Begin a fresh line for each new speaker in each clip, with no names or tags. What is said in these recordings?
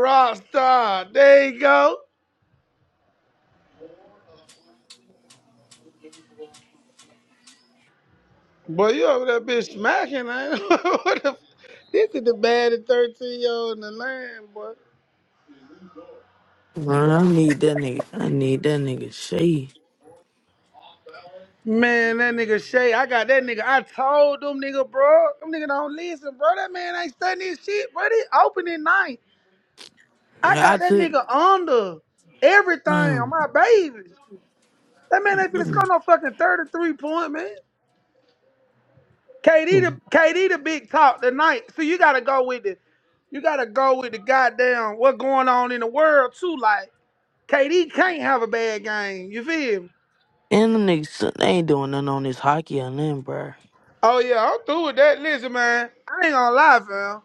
Rockstar, there you go. Boy, you over there bitch smacking, man. what the f- this is the baddest 13 year old in the land, boy.
Man, I need that nigga. I need that nigga shade.
Man, that nigga Shay, I got that nigga. I told them nigga, bro. Them nigga don't listen, bro. That man ain't studying his shit, bro. They opening night. I
I
got that
took,
nigga under everything
yeah.
on my baby. That man ain't finna score no fucking 33 point, man. KD the
And
KD the big talk tonight. So you gotta go with the you gotta go with the goddamn what's going on in the world too. Like KD can't have a bad game. You feel me?
the niggas, so, they ain't doing nothing on this hockey or nothing, bruh.
Oh yeah, I'm through with that. Listen, man, I ain't gonna lie, fam.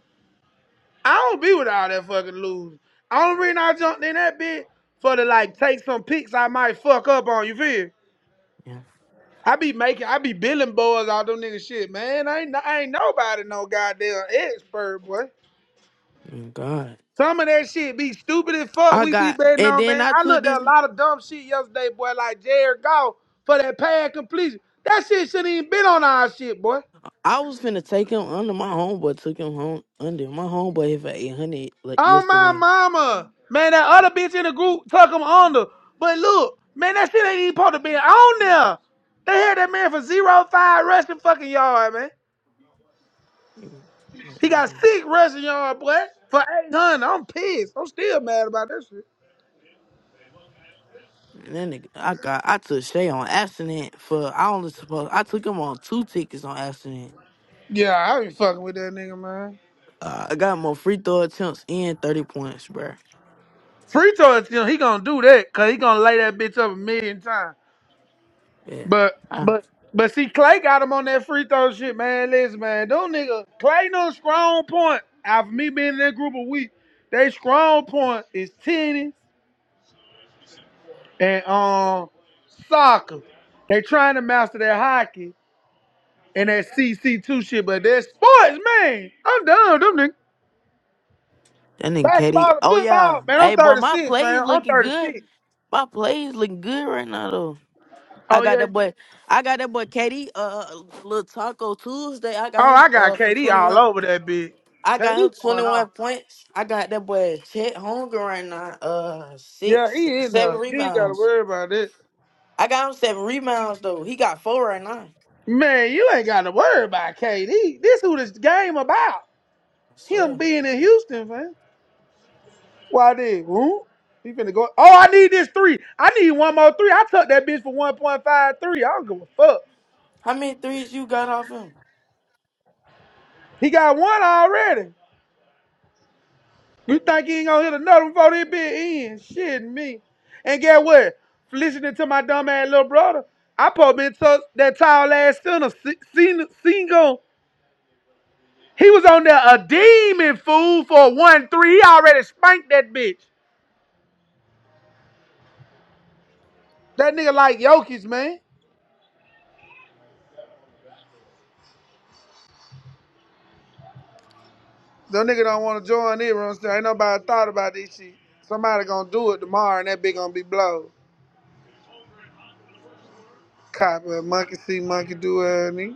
I don't be with all that fucking losing. Only reason I jumped in that bit for to like take some picks I might fuck up on. You feel? me?
Yeah.
I be making, I be billing boys all them nigga shit, man. I ain't, I ain't nobody no goddamn expert, boy.
Mm, God.
Some of that shit be stupid as fuck.
I
We be
got,
betting
and
on
then
man.
I
I
took
looked at
this.
a lot of dumb shit yesterday, boy. Like Jared Goff for that pad completion. That shit shouldn't even been on our shit, boy.
I was finna take him under. My homeboy took him home under. My homeboy hit for 800 like
Oh my
yesterday.
mama, man. That other bitch in the group took him under. But look, man, that shit ain't even supposed to be on there. They had that man for zero five rushing fucking yard, man. He got
And
six rushing yard, boy, for eight hundred. I'm pissed. I'm still mad about that shit.
then nigga, I got, I took Shay on accident for, I only supposed, I took him on two tickets on accident.
Yeah, I be fucking with that nigga, man.
Uh, I got more free throw attempts and 30 points, bruh.
Free throw is still he gonna do that because he gonna lay that bitch up a million times. But
Yeah.
but but see Clay got him on that free throw shit, man. Listen, man, them nigga Clay no strong point. After me being in that group of week, they strong point is tennis and um soccer. They trying to master their hockey and that CC two shit, but that sports, man. I'm done with them niggas.
That nigga Katie.
Basketball and
Oh yeah.
football, man. I'm
Hey boy, my
36,
play is
man. I'm
looking good.
36.
My play is looking good right now though. I
Oh
got
yeah.
that boy. I got that boy Katie. Uh, uh, little Taco Tuesday. I
Oh,
got him.
I got
Uh, for
KD
twenty
all
one.
over that bitch.
I
KD
got him twenty
going
one
on.
points. I got that boy Chet Hunger right now. Uh,
Yeah,
six,
he in
seven
there. You ain't gotta
rebounds.
worry about it.
I got him seven rebounds though. He got four right now. I
Man, you ain't gotta worry about KD. This who this game about. Him
swear.
being in Houston, man. Why did who? He finna go. Oh, I need this three. I need one more three. I took that bitch for 1.53. I don't give a fuck.
How many threes you got off him?
He got one already. You think he ain't gonna hit another one before this bitch end? Shit, me. And get what? Listening to my dumb ass little brother, I probably been took that tall ass sinner, single. single. He was on there a demon fool for one three. He already spanked that bitch. That nigga like Jokic, man. The nigga don't want to join it, Ron. Ain't nobody thought about this shit. Somebody gonna do it tomorrow, and that bitch gonna be blown. Cop, uh, monkey see, monkey do, uh, me.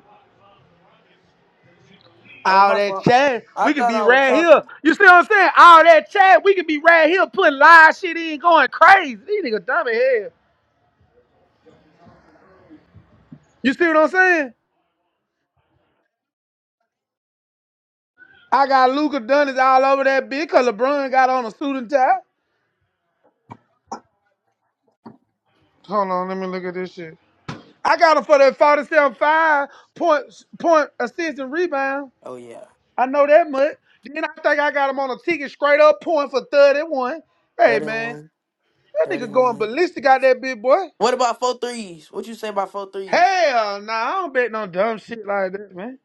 Oh
All
my
that
fault.
chat,
I
we can
thought
be
I was
right here.
talking.
You see what I'm saying? All that chat, we can be right here putting live shit in, going crazy. These niggas dumb as hell. You see what I'm saying? I got Luca Dunnis all over that bitch because LeBron got on a suit and tie. Hold on, let me look at this shit. I got him for that 47 five point, point assist and rebound.
Oh yeah.
I know that much. Then I think I got him on a ticket straight up point for 31. Hey, man,
31,
that nigga going
31.
ballistic out that big boy.
What about four threes? What you say about four threes?
Hell no, I don't bet no dumb shit like that, man.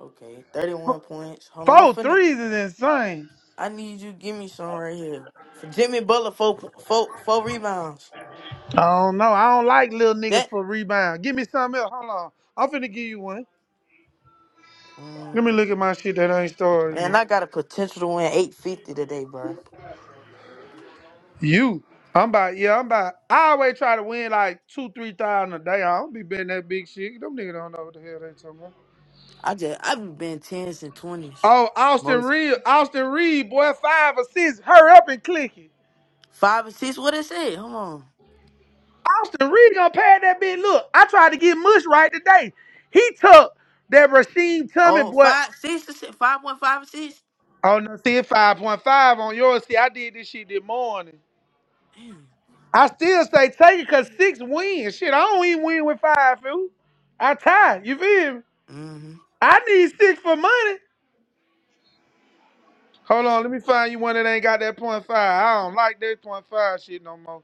Okay, 31 points. Hold on,
Four
finna.
threes is insane.
I need you to give me some right here. For Jimmy Butler, four, po- four, four rebounds.
I don't know. I don't like little niggas
That,
for rebound. Give me something else. Hold on. I'm finna give you one.
mm,
Let me look at my shit that ain't started
man,
yet.
I got a potential to win 850 today, bro.
You. I'm about, yeah, I'm about, I always try to win like two, three thousand a day. I don't be betting that big shit. Them niggas don't know what the hell they talking about.
I just, I've been 10s and 20s.
Oh, Austin
Most.
Reed, Austin Reed, boy, five assists. Hurry up and click it.
Five and six, what it say? Hold on.
Austin Reed gonna pad that bitch. Look, I tried to get Mush right today. He took that Rasheem Tummy
Oh,
boy.
five, six, to six, five, one, five, and six?
Oh no, see it's 5.5 on yours. See, I did this shit this morning.
Damn.
I still say take it cause six wins. Shit, I don't even win with five, fool. I tied. You feel me?
hmm
I need six for money. Hold on, let me find you one that ain't got that point five. I don't like that point five shit no more.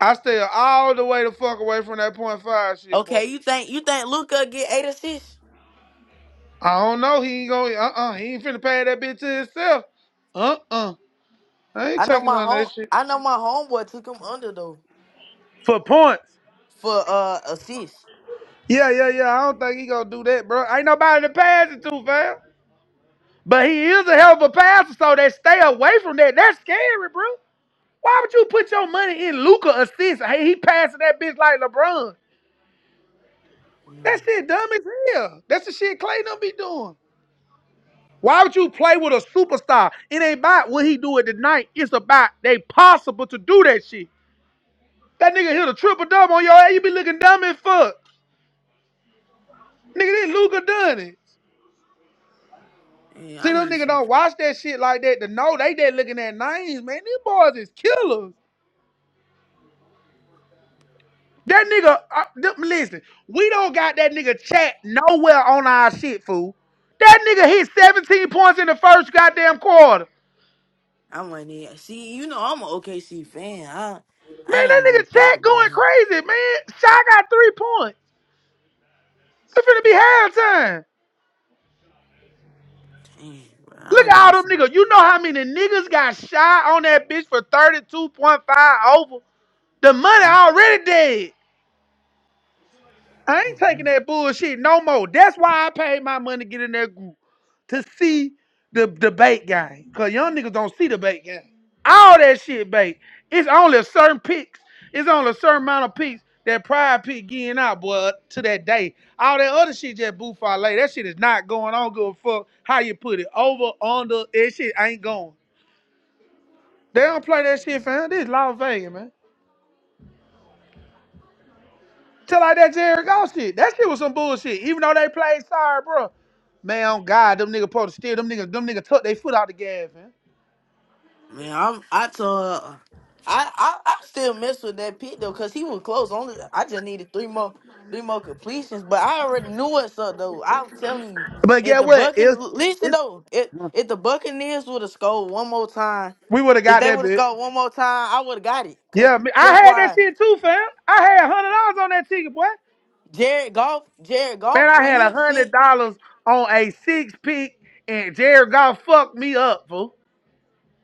I stay all the way the fuck away from that point five shit, boy.
Okay, you think, you think Luca get eight assists?
I don't know. He ain't going. Uh uh. He ain't finna pay that bitch to himself. Uh uh. I ain't
I know
taking
my
on
home,
that shit
I know my homeboy took him under, though.
for points.
for uh assists,
Yeah, yeah, yeah. I don't think he gonna do that, bro. Ain't nobody to pass it to, fam. But he is a hell of a passer, so they stay away from that. That's scary, bro. Why would you put your money in Luca assist? Hey, he passing that bitch like LeBron.
Mm,
That shit dumb as hell. That's the shit Clay don't be doing. Why would you play with a superstar? It ain't about what he do it tonight. It's about they possible to do that shit. That nigga hit a triple double on your ass. You be looking dumb as fuck. Nigga, this Luca done it.
Man,
See,
I
those
need
niggas don't
something.
watch that shit like that to know they there looking at names, man. These boys is killers. That nigga, uh, th- listen, we don't got that nigga chat nowhere on our shit, fool. That nigga hit 17 points in the first goddamn quarter.
I want to see. You know, I'm an OKC fan. I
Man,
I
that
ain't even
nigga
think
chat
about
going
him.
crazy, man. Shy got three points. It's finna be halftime.
Damn, bro,
Look
I
at
need
all them
some.
niggas. You know how many niggas got shy on that bitch for 32.5 over? The money
Mm,
already dead. I ain't
mm,
taking
mm.
that bullshit no more. That's why I paid my money to get in that group to see the debate game. Cause young niggas don't see the debate game. All that shit bait. It's only a certain picks. It's only a certain amount of picks that pride pick getting out, boy, to that day. All that other shit just boo for later. That shit is not going on. Give a fuck how you put it. Over, under, that shit ain't going. They don't play that shit, fam. This is Las Vegas, man. Tell like that Jared Goff shit. That shit was some bullshit. Even though they played sorry, bro. Man, on God, them nigga supposed to steal them niggas. Them niggas took their foot out the gas, man.
Man, I'm. I told her. uh, I, I I still mess with that pick though, cause he was close. Only I just needed three more three more completions, but I already knew what's up though. I'm telling you,
But
if
get
the
what?
Buccaneers
It's
listen
it's
though, if if the Buccaneers would have scored one more time.
we would have
If
got
they
that
would have
bit.
scored one more time, I would have got it. Cause
Yeah, me- I
guess
had that
why?
shit too, fam. I had hundred dollars on that ticket, boy.
Jared Goff, Jared Goff,
Man, I
when
had
he seen,
hundred dollars on a six pick, and Jared Goff fucked me up, fool.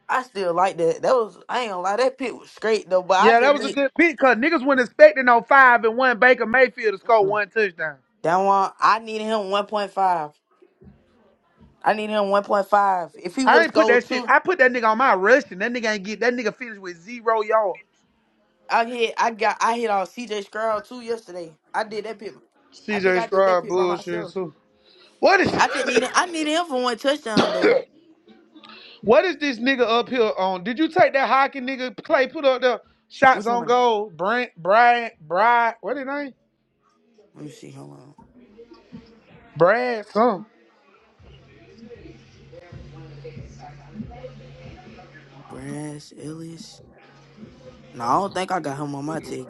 I still like that. That was I ain't gonna lie, that pick was straight though. But I
Yeah, that
just
was a
need
good pick, cause niggas were not expecting no five and one Baker Mayfield to score
mm-mm.
one touchdown.
that one. I needed him one point five. I needed him one point five. If he would
I
have
ain't put
scored
that shit.
two,
I put that nigga on my rush, and that nigga ain't get that nigga finished with zero yards.
I hit. I got. I hit on C.J. Stroud too yesterday. I did that pick. I think
CJ
I did that
Stroud
pick by
bullshit
myself.
too. What is
I just needed. I needed him for one touchdown though.
what is this nigga up here on? Did you take that hockey nigga Clay put up the shots
Which
on
one?
goal? Brent, Brian, Brad, what his name?
Let me see. Hold on.
Brad, something.
Brass Ellis. No, I don't think I got him on my ticket.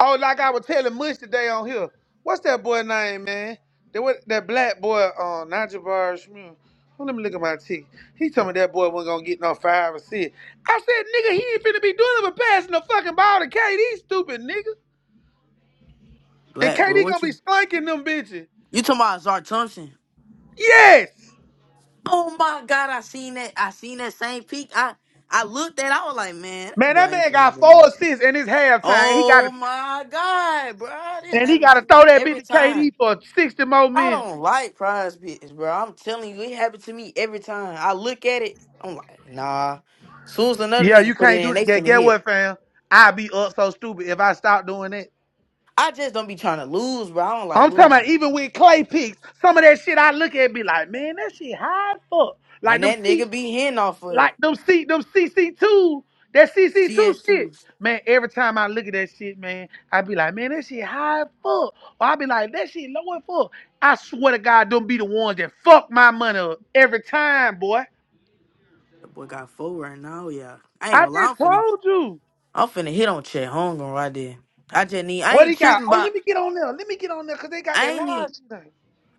Oh, like I was telling Mush today on here. What's that boy name, man? That what that black boy uh Nigel Barr Smith. Oh, let me look at my ticket. He told me that boy wasn't gonna get no five or six. I said, nigga, he ain't finna be doing it but passing the fucking ball to KD, stupid nigga. And
Black boy,
KD gonna
what
be
you
slanking them bitches.
you talking about Zar Thompson?
Yes!
Oh my god, I seen that. I seen that same peak. I I looked at. I was like, man, that
Man,
boy
that
ain't
man
finna
got
do
four
nothing.
assists in his halftime. He got to
Oh my god, bro, this
and he
happened
gotta
to
throw
me
that bitch
every
to
time.
KD for 60 more
I
minutes.
don't like prize picks, bro. I'm telling you, it happened to me every time. I look at it. I'm like, nah. Soon as another
Yeah, you
nigga put it
can't
in,
do that.
they
Get,
finna
get
hit.
what, fam? I'd be up so stupid if I stopped doing that.
I just don't be trying to lose, bro. I don't like
I'm talking about
losing,
even with clay picks, some of that shit I look at be like, man, that shit high as fuck. Like
and
them
that
C,
nigga be hitting off of
like
it.
them C, them CC two, that CC two shit.
CS2.
Man, every time I look at that shit, man, I be like, man, that shit high as fuck. Or I be like, that shit low as fuck. I swear to God, don't be the ones that fuck my money up every time, boy.
The boy got four right now, yeah. I ain't
I
gonna lie,
just
I'm finna,
told you.
I'm finna hit on Chet Hunger right there. I just need, I
What he
ain't
got?
tripping
Oh,
about,
let me get on there. Let me get on there because they got
I
that
ain't
live
need,
shit.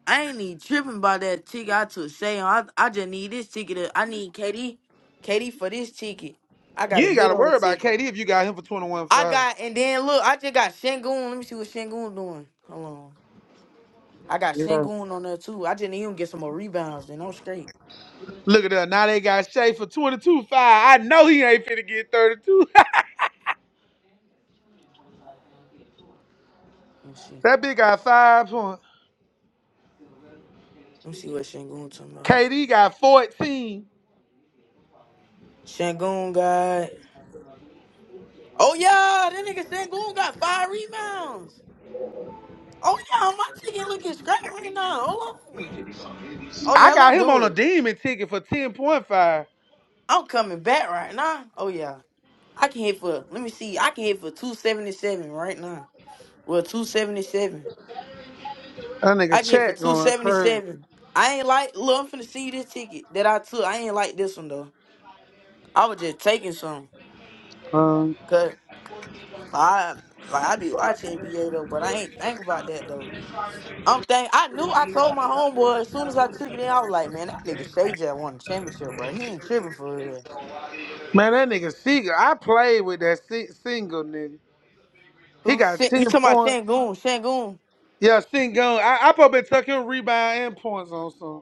I ain't need tripping about that ticket I took Shay on. I, I just need this ticket. to- I need Katie, Katie for this ticket. I got
You
a
ain't got
good
to worry
old
about
ticket.
KD if you got him for 21
I
5.
got, and then look, I just got Shangoon. Let me see what Shangoon doing. Hold on. I got
Yeah.
Shangoon on there too. I just need him to get some more rebounds, then I'm straight.
Look at that. Now they got Shay for 22 5. I know he ain't finna get 32.
Let me see.
that bitch got five points.
Let me see what Shangoon talking about.
KD got 14.
Shangoon guy. Oh yeah, that nigga Sangoon got five rebounds. Oh yeah, my chicken looking straight right now. Hold on. Oh
I
yeah,
got
let's
him
do
on a
it.
demon ticket for 10.5. That
I'm coming back right now. Oh yeah, I can hit for. Let me see. I can hit for two seventy seven right now. Well, two seventy seven. I
nigga
can hit for
chat
two
going
seventy
crazy.
seven. I ain't like. Look, I'm finna see this ticket that I took. I ain't like this one though. I was just taking some.
Um,
Cause I like I be watching NBA though, but I ain't think about that I'm think I knew. I told my homeboy as soon as I took it in. I was like, man, that nigga Shay J won the championship, bro. He ain't tripping for real.
man, that nigga Seager, I played with that si- single nigga. He
Who
got
Shan- you
10
talking about
points.
Shangoon? Shangoon.
Yeah, single. I, I probably took him rebound and points on some.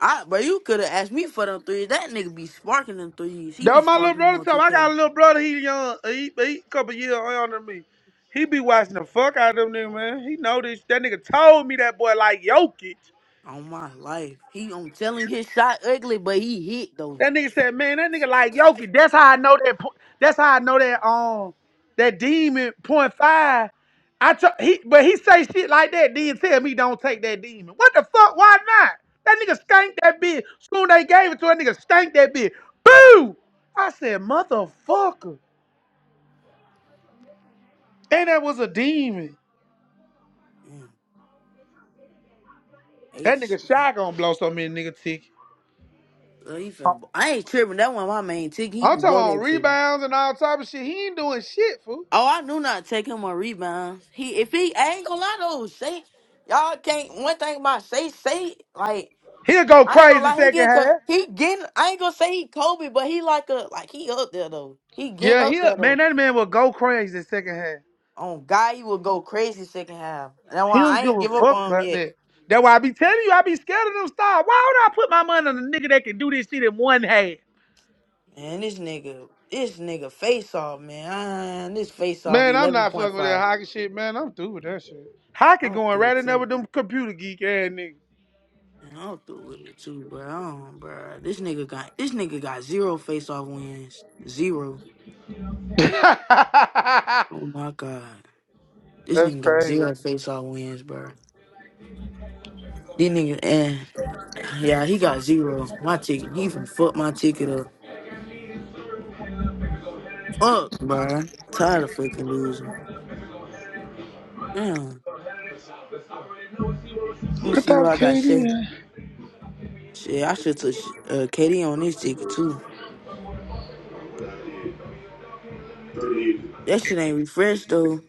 I, bro, you could have asked me for them threes. That nigga be sparking them threes. He be
That my little
sparking them
brother
on
tell me. I got
2K.
a little brother. He young. He, he a couple years younger than me. He be watching the fuck out of them niggas, man. He know this. That nigga told me that boy like Jokic.
On my life, he. I'm telling you, his shot ugly, but he hit though.
That nigga said, man, that nigga like Jokic. That's how I know that. po- That's how I know that. Um, that demon point five. I took he, but he say shit like that. Then tell me don't take that demon. What the fuck? Why not? That nigga stank that bitch. Soon they gave it to that nigga stank that bitch. Boo! I said, motherfucker. And that was a demon.
damn hey,
That
sh-
nigga Shy gonna blow so many nigga tick.
uh, he
I'm
finna- I ain't tripping. That one my main ticket. He can
talking
blow
about
that ticket.
rebounds and all type of shit. He ain't doing shit, fool.
Oh, I do not take him on rebounds. He if he I ain't gonna lie though, say y'all can't one thing about say say like
He'll go
I ain't gonna
crazy
lie, he
second
get co-
half.
he getting I ain't gonna say he Kobe, but he like a like he up there though. He getting
Yeah,
up
he
there though.
man, that man will go crazy second half.
On guy he will go crazy second half. That's
He
why
don't
I
give
ain't
a
give up
fuck
on him
about
yet.
that. That's why I be telling you, I be scared of them stars. Why would I put my money on a nigga that can do this shit in one half?
Man, this nigga this nigga face off, man. Ah, this face off
Man, I'm
eleven
not
point
fucking with that
five.
hockey shit, man. I'm through with that shit. Hockey
I'm
going
through
right in there
too.
with them computer geek ass niggas.
And I'm through with it too, bro. I don't, bro. This nigga got this nigga got zero face off wins. Zero. Oh my god. This
That's
nigga got
crazy.
zero face off wins, bro. This nigga and yeah, he got zero. My ticket. He even fucked my ticket up. Fuck, bro. Tired of fucking losing. Damn. Let me see where
Without
I got shit.
Katie.
Shit, I should took sh- uh KD on this ticket too. That shit ain't refreshed though.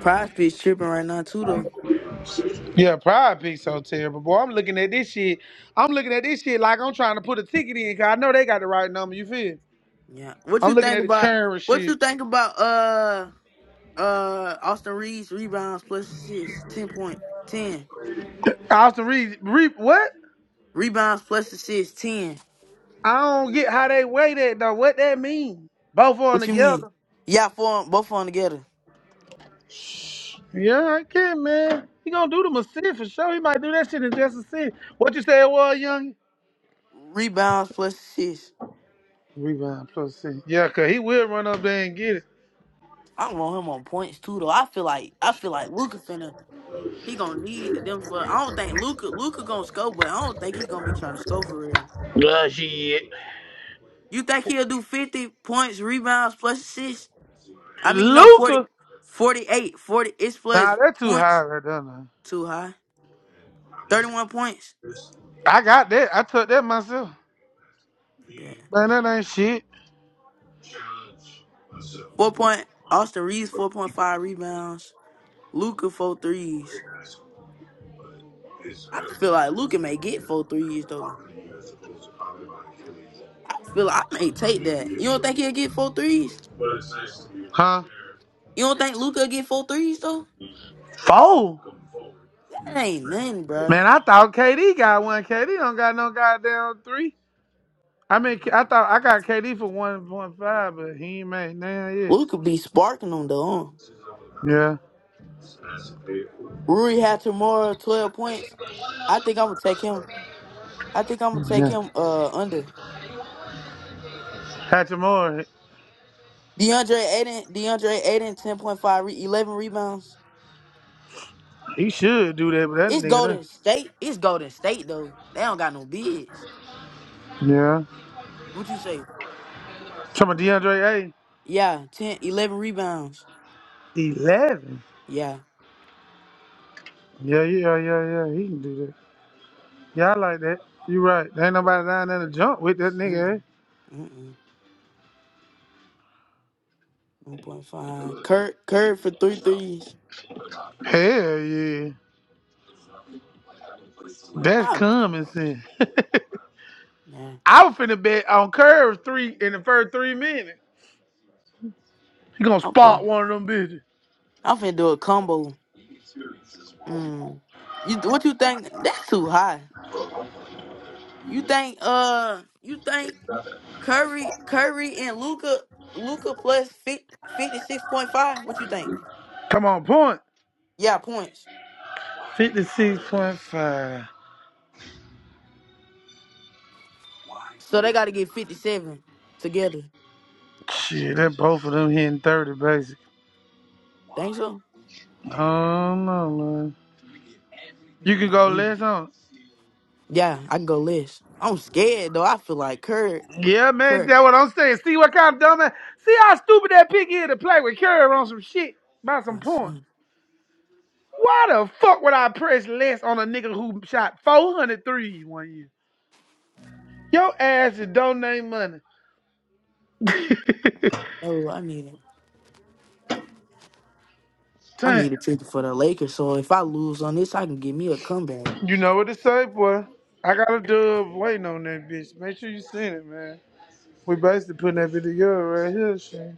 Prize bitch tripping right now too though.
Yeah, probably be so terrible. Boy, I'm looking at this shit. I'm looking at this shit like I'm trying to put a ticket in because I know they got the right number. You feel?
Yeah. What
I'm
you
looking at
think
the
about
current
what
shit.
you think about uh Uh, Austin Reeves rebounds plus assists, ten point ten
Austin Reed, Reed, what?
rebounds plus assists, ten.
I don't get how they weigh that though. What that mean? Both on
What you mean?
together.
Yeah, four of 'em- both on together.
Yeah, I can, man. He gonna do the assist for sure. He might do that shit in just a cent. What you say it was, young?
Rebounds plus assists.
Rebound plus six. Yeah, cause he will run up there and get it.
I want him on points too, though. I feel like I feel like Luca finna he gonna need them for. I don't think Luca Luca gonna score, but I don't think he gonna be trying to score for real. You think he'll do fifty points, rebounds plus assists? I mean, no 40,
Luca.
48, 40. It's plus
Nah, that's too high
points
right there. Now.
too high. Thirty one points.
I got that. I took that myself.
Yeah.
Man, that ain't shit.
Four point Austin Reeves four point five rebounds. Luca four threes. I feel like Luca may get four threes though. I feel like I may take that. You don't think he'll get four threes?
But it's nice to be Huh?
You don't think Luca get four threes though?
Four.
That ain't nothing, bruh.
Man, I thought KD got one. KD don't got no goddamn three. I mean, I thought I got KD for one point five, but he ain't made none yet.
Luca be sparking them though. huh?
Yeah,
Rui Hachimura twelve points. I think I'm gonna take him. I think I'm gonna take
yeah.
him uh under.
Hatchamore,
DeAndre Ayton. DeAndre Ayton, ten point five, re- eleven rebounds.
he should do that, but that
It's
nigga,
Golden State. It's Golden State though. They don't got no bigs.
there. yeah.
What you say?
Some of DeAndre
Yeah, 10, 11 rebounds.
A, eleven.
Yeah.
Yeah, yeah, yeah, yeah. He can do that. Yeah, I like that. You right. There ain't nobody down there to jump with that nigga.
Mm-mm.
eh?
Mm-mm. 1.5. Kurt, Kurt for three threes.
Hell yeah. That's
Oh,
common sense.
man.
I was finna bet on curve three in the first three minutes. He gonna
I'm
spot
fine.
one of them bitches.
I'm finna do a combo. Mm. You, what you think? That's too high. You think, uh, you think Curry, Curry and Luca, Luca plus 56.5? What you think?
Come on, point.
Yeah, points.
56.5.
So they got to get 57 together.
Shit, that both of them hitting 30 basic.
Think so?
Oh no, man. You can go
Mm-hmm.
less on. it.
Yeah, I can go less. I'm scared though. I feel like Curry.
Yeah, man,
Kirk.
that's what I'm saying. See what kind of dumb ass. See how stupid that pig is to play with curve on some shit by some
I
point.
see.
Why the fuck would I press less on a nigga who shot 400 one year? Your ass is donating money.
Oh, I need it. I
Damn.
need a ticket for the Lakers. So if I lose on this, I can give me a comeback.
You know what to say, boy. I got a dub waiting on that bitch. Make sure you send it, man. We basically putting that video right here, shit.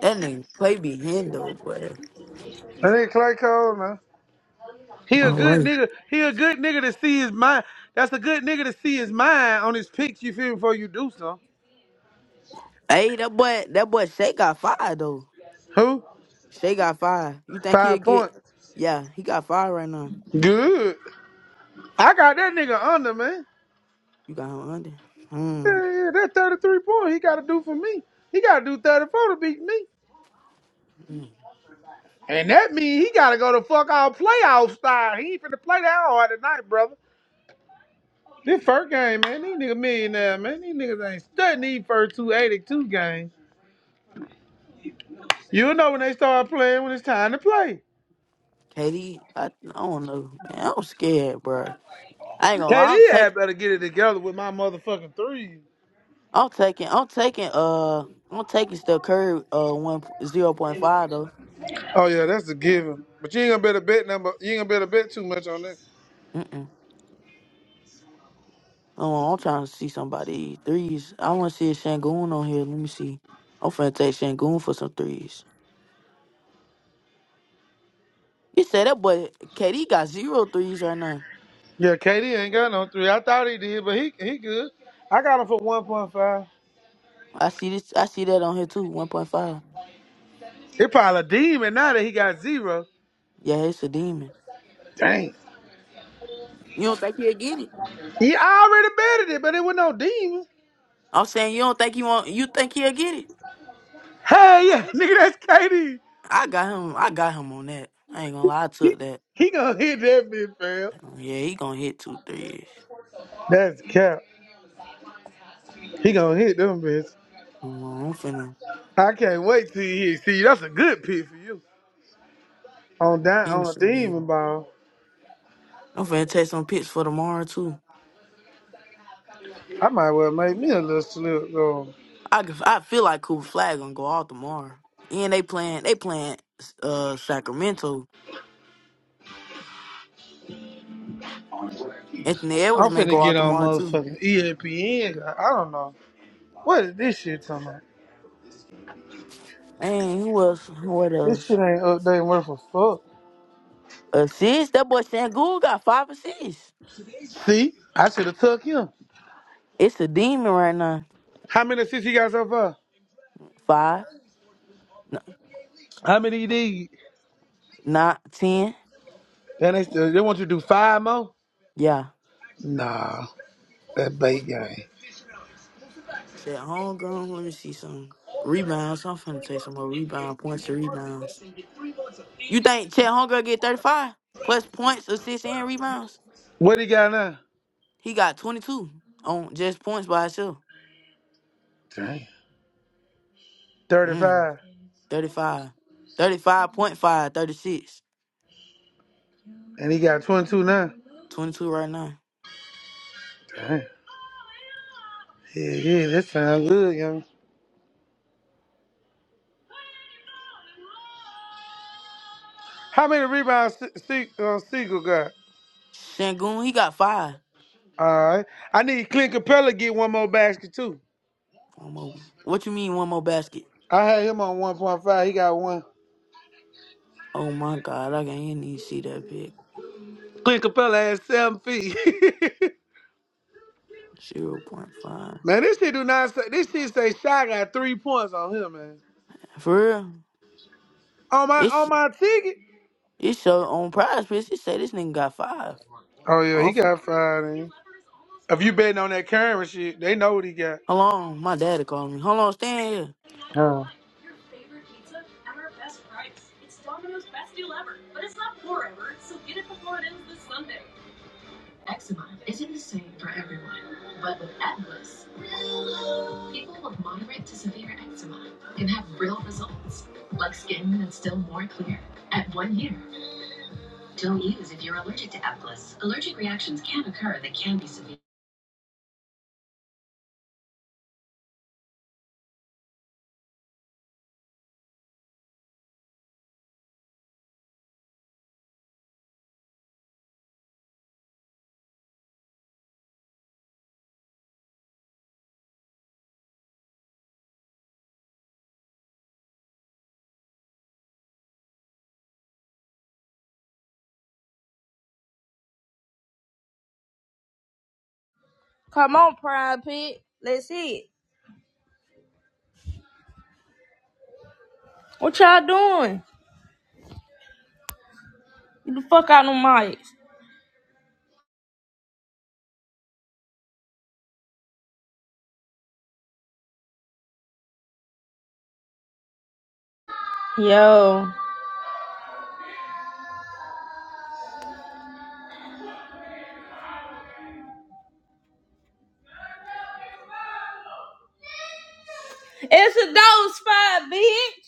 That nigga play behind though, boy.
That ain't Clay Cole, man. He a
My
good
life.
nigga. He a good nigga to see his mind. That's a good nigga to see his mind on his pics, you feel me, before you do something.
Hey, that boy, that boy Shay got fired though.
Who?
Shay got fired. You think he'll
Five
get?
points.
Yeah, he got fired right now.
Good. I got that nigga under, man.
You got him under.
Yeah,
Hmm.
yeah, that 33 point he got to do for me. He got to do 34 to beat me.
Mm.
And that means he gotta go to fuck all playoff style. He ain't finna play that hard tonight, brother. This first game, man, these niggas millionaire, man. These niggas ain't studying these first two 82 games. You'll know when they start playing when it's time to play.
Katie, I, I don't know. Man, I'm scared, bro. I ain't gonna lie. I'm
KD
taking.
had better get it together with my motherfucking three.
I'm taking. I'm taking. Uh, I'm taking still Curry. Uh, one zero point five though.
Oh yeah, that's a given. But you ain't gonna bet a bet number. You ain't gonna bet a bet too much on that.
Mm-mm. Oh, I'm trying to see somebody threes. I want to see a Shangoon on here. Let me see. I'm finna take Shangoon for some threes. You said that boy KD got zero threes right now.
Yeah, KD ain't got no three. I thought he did, but he he good. I got him for 1.5.
I see this. I see that on here too. One point five.
It probably a demon now that he got zero.
Yeah, it's a demon.
Dang.
You don't think he'll get it?
He already betted it, but it was no demon.
I'm saying you don't think he want. You think he'll get it?
Hey, yeah, nigga, that's KD.
I got him. I got him on that. I ain't gonna lie. I
He,
took that.
he gonna hit that bitch, fam.
Yeah, he gonna hit two threes.
That's cap. He gonna hit them bitch.
Come on, I'm finna
I can't wait till he hit. See, that's a good pick for you. On down on a
innocent demon.
demon ball,
I'm finna take some pics for tomorrow too.
I might well make me a little slip though.
I could- I feel like Cooper Flag gonna go out tomorrow. And they playing they playing uh Sacramento. Anthony Edwards
I'm
may
finna
go
get
out
on
tomorrow too.
motherfucking ESPN. I I don't know what is this shit talking about.
And who else? What
This shit
else?
ain't updating worth a fuck.
Assists? That boy Sangoon got five assists.
See, I should have took him.
It's a demon right now.
How many assists he got so far?
Five, n-
How many he did?
not ten.
Then they they want you to do five more.
Yeah.
Nah, that bait game.
Shit, homegrown. Let me see some rebounds. I'm finna take some more rebound points to rebounds. You think Chet Hunger get 35 plus points, assists, and rebounds?
What he got now?
He got 22 on just points by himself.
Dang, Thirty
Mm,
five,
35. 35.5,
and he got twenty two now.
22 right now.
dang. Yeah, yeah, that sounds good, young. How many rebounds Se- Se- uh, Siegel got?
Shangoon, he got five.
All right. I need Clint Capella to get one more basket too.
One more. What you mean one more basket?
I had him on one point five. He got one.
Oh my god, I can't even see that pick.
Clint Capella had seven feet.
zero point 0.5.
man, this shit do not. Say, this shit say Shy got three points on him, man.
For real?
On my on
It's
my ticket.
it's so on prize picks. It say this nigga got five.
Oh yeah, he
Offer.
got five. Then. If you betting on that current shit, they know what he got.
Hold on, my daddy called me. Hold on, stand here.
Oh.
Come on, Prime Pit. Let's see it. What y'all doing? Get the fuck out of my mics. Yo. It's a dose fight, bitch.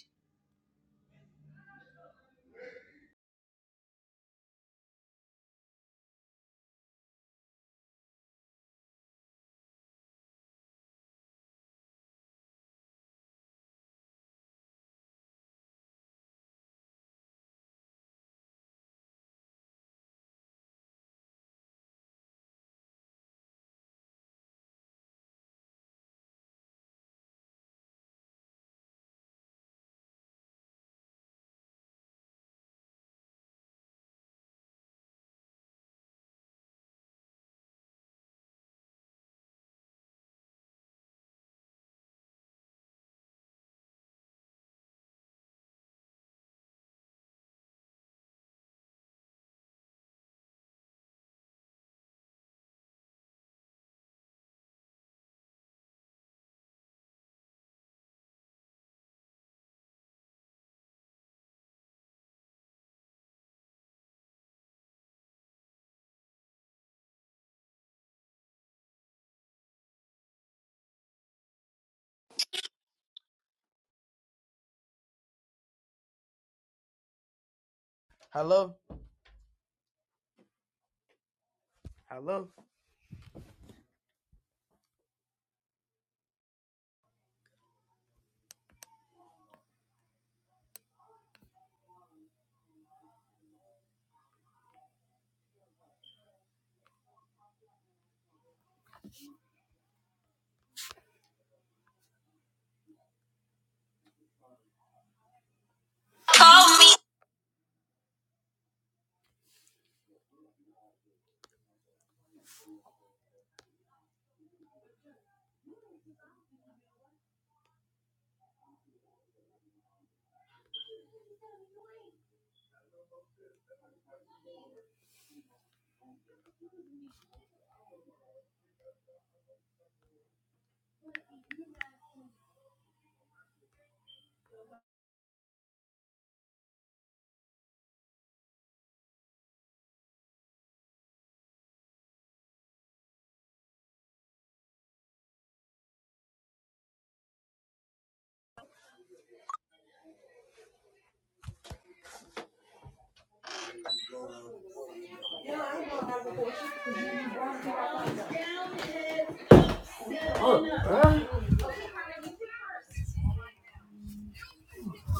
Hello? Hello?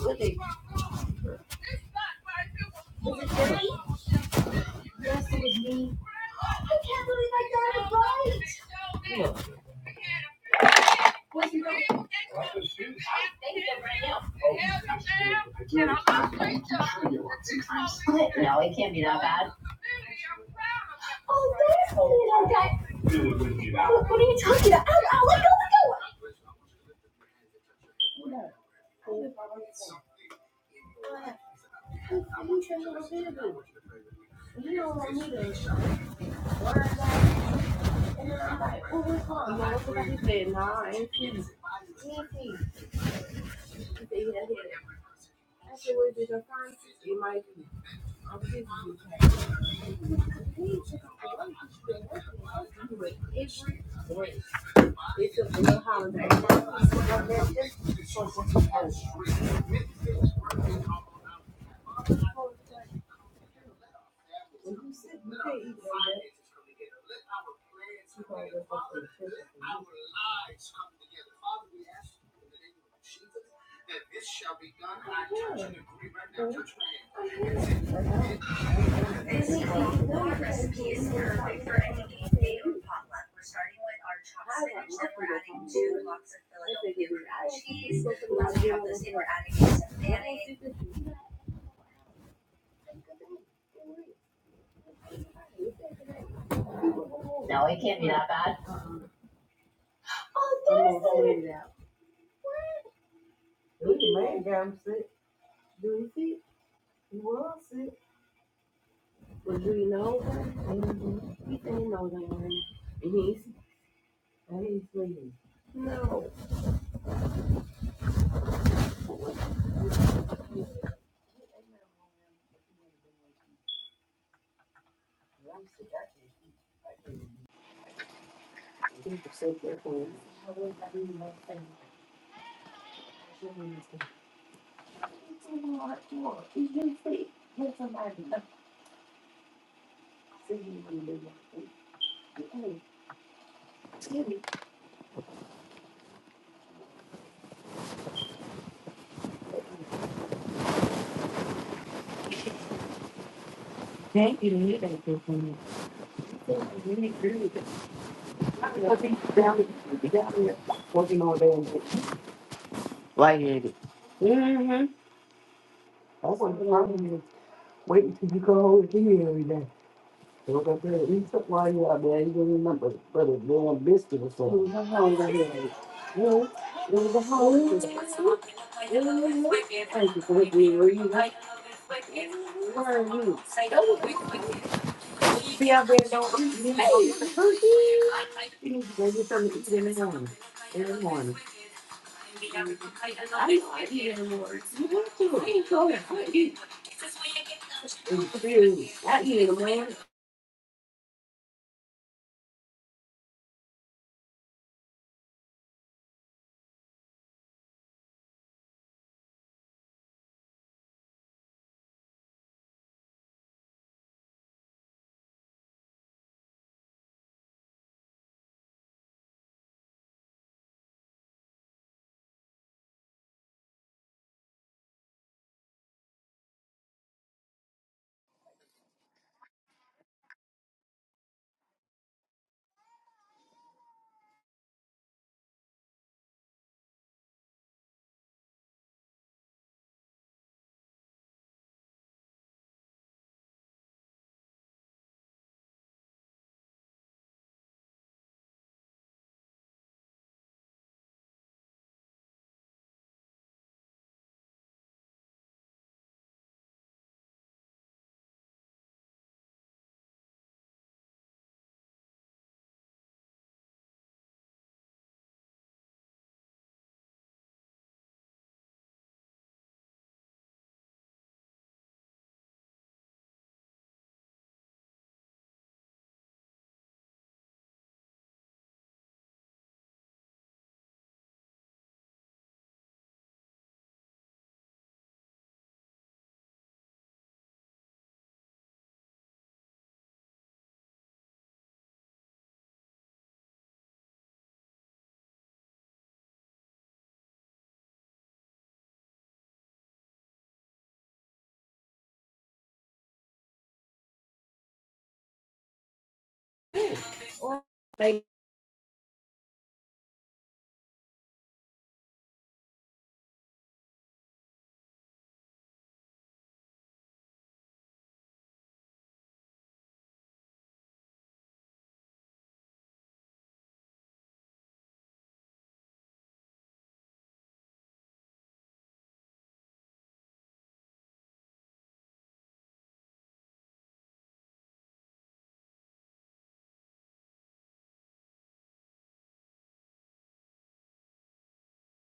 Okay. it Billy? Yes, it was me. I can't believe I got it right. Look. What's your name? Split now, Can I split? No, it can't be that bad. Oh, that's it, I got you. Basically, our recipe is perfect for any day potluck. We're starting with our chopped spinach, then we're adding two blocks of Philadelphia cream cheese. Once we have those in, we're adding some mayonnaise. Thank you. you not do You I think down here- down here, Working all day and day. Lightheaded. That's what I'm you go over here every day. We're gonna do it. We took while you out there. You don't remember, brother, blowing biscuit or something. It was a hunger headache. Yeah, it was a hunger headache. Thank you for what you were. You like, where are you? Oh, be out. Hey, cookie. You need to go get something to eat in the morning. In the morning. I know I eat in the morning. You have to. It's weird.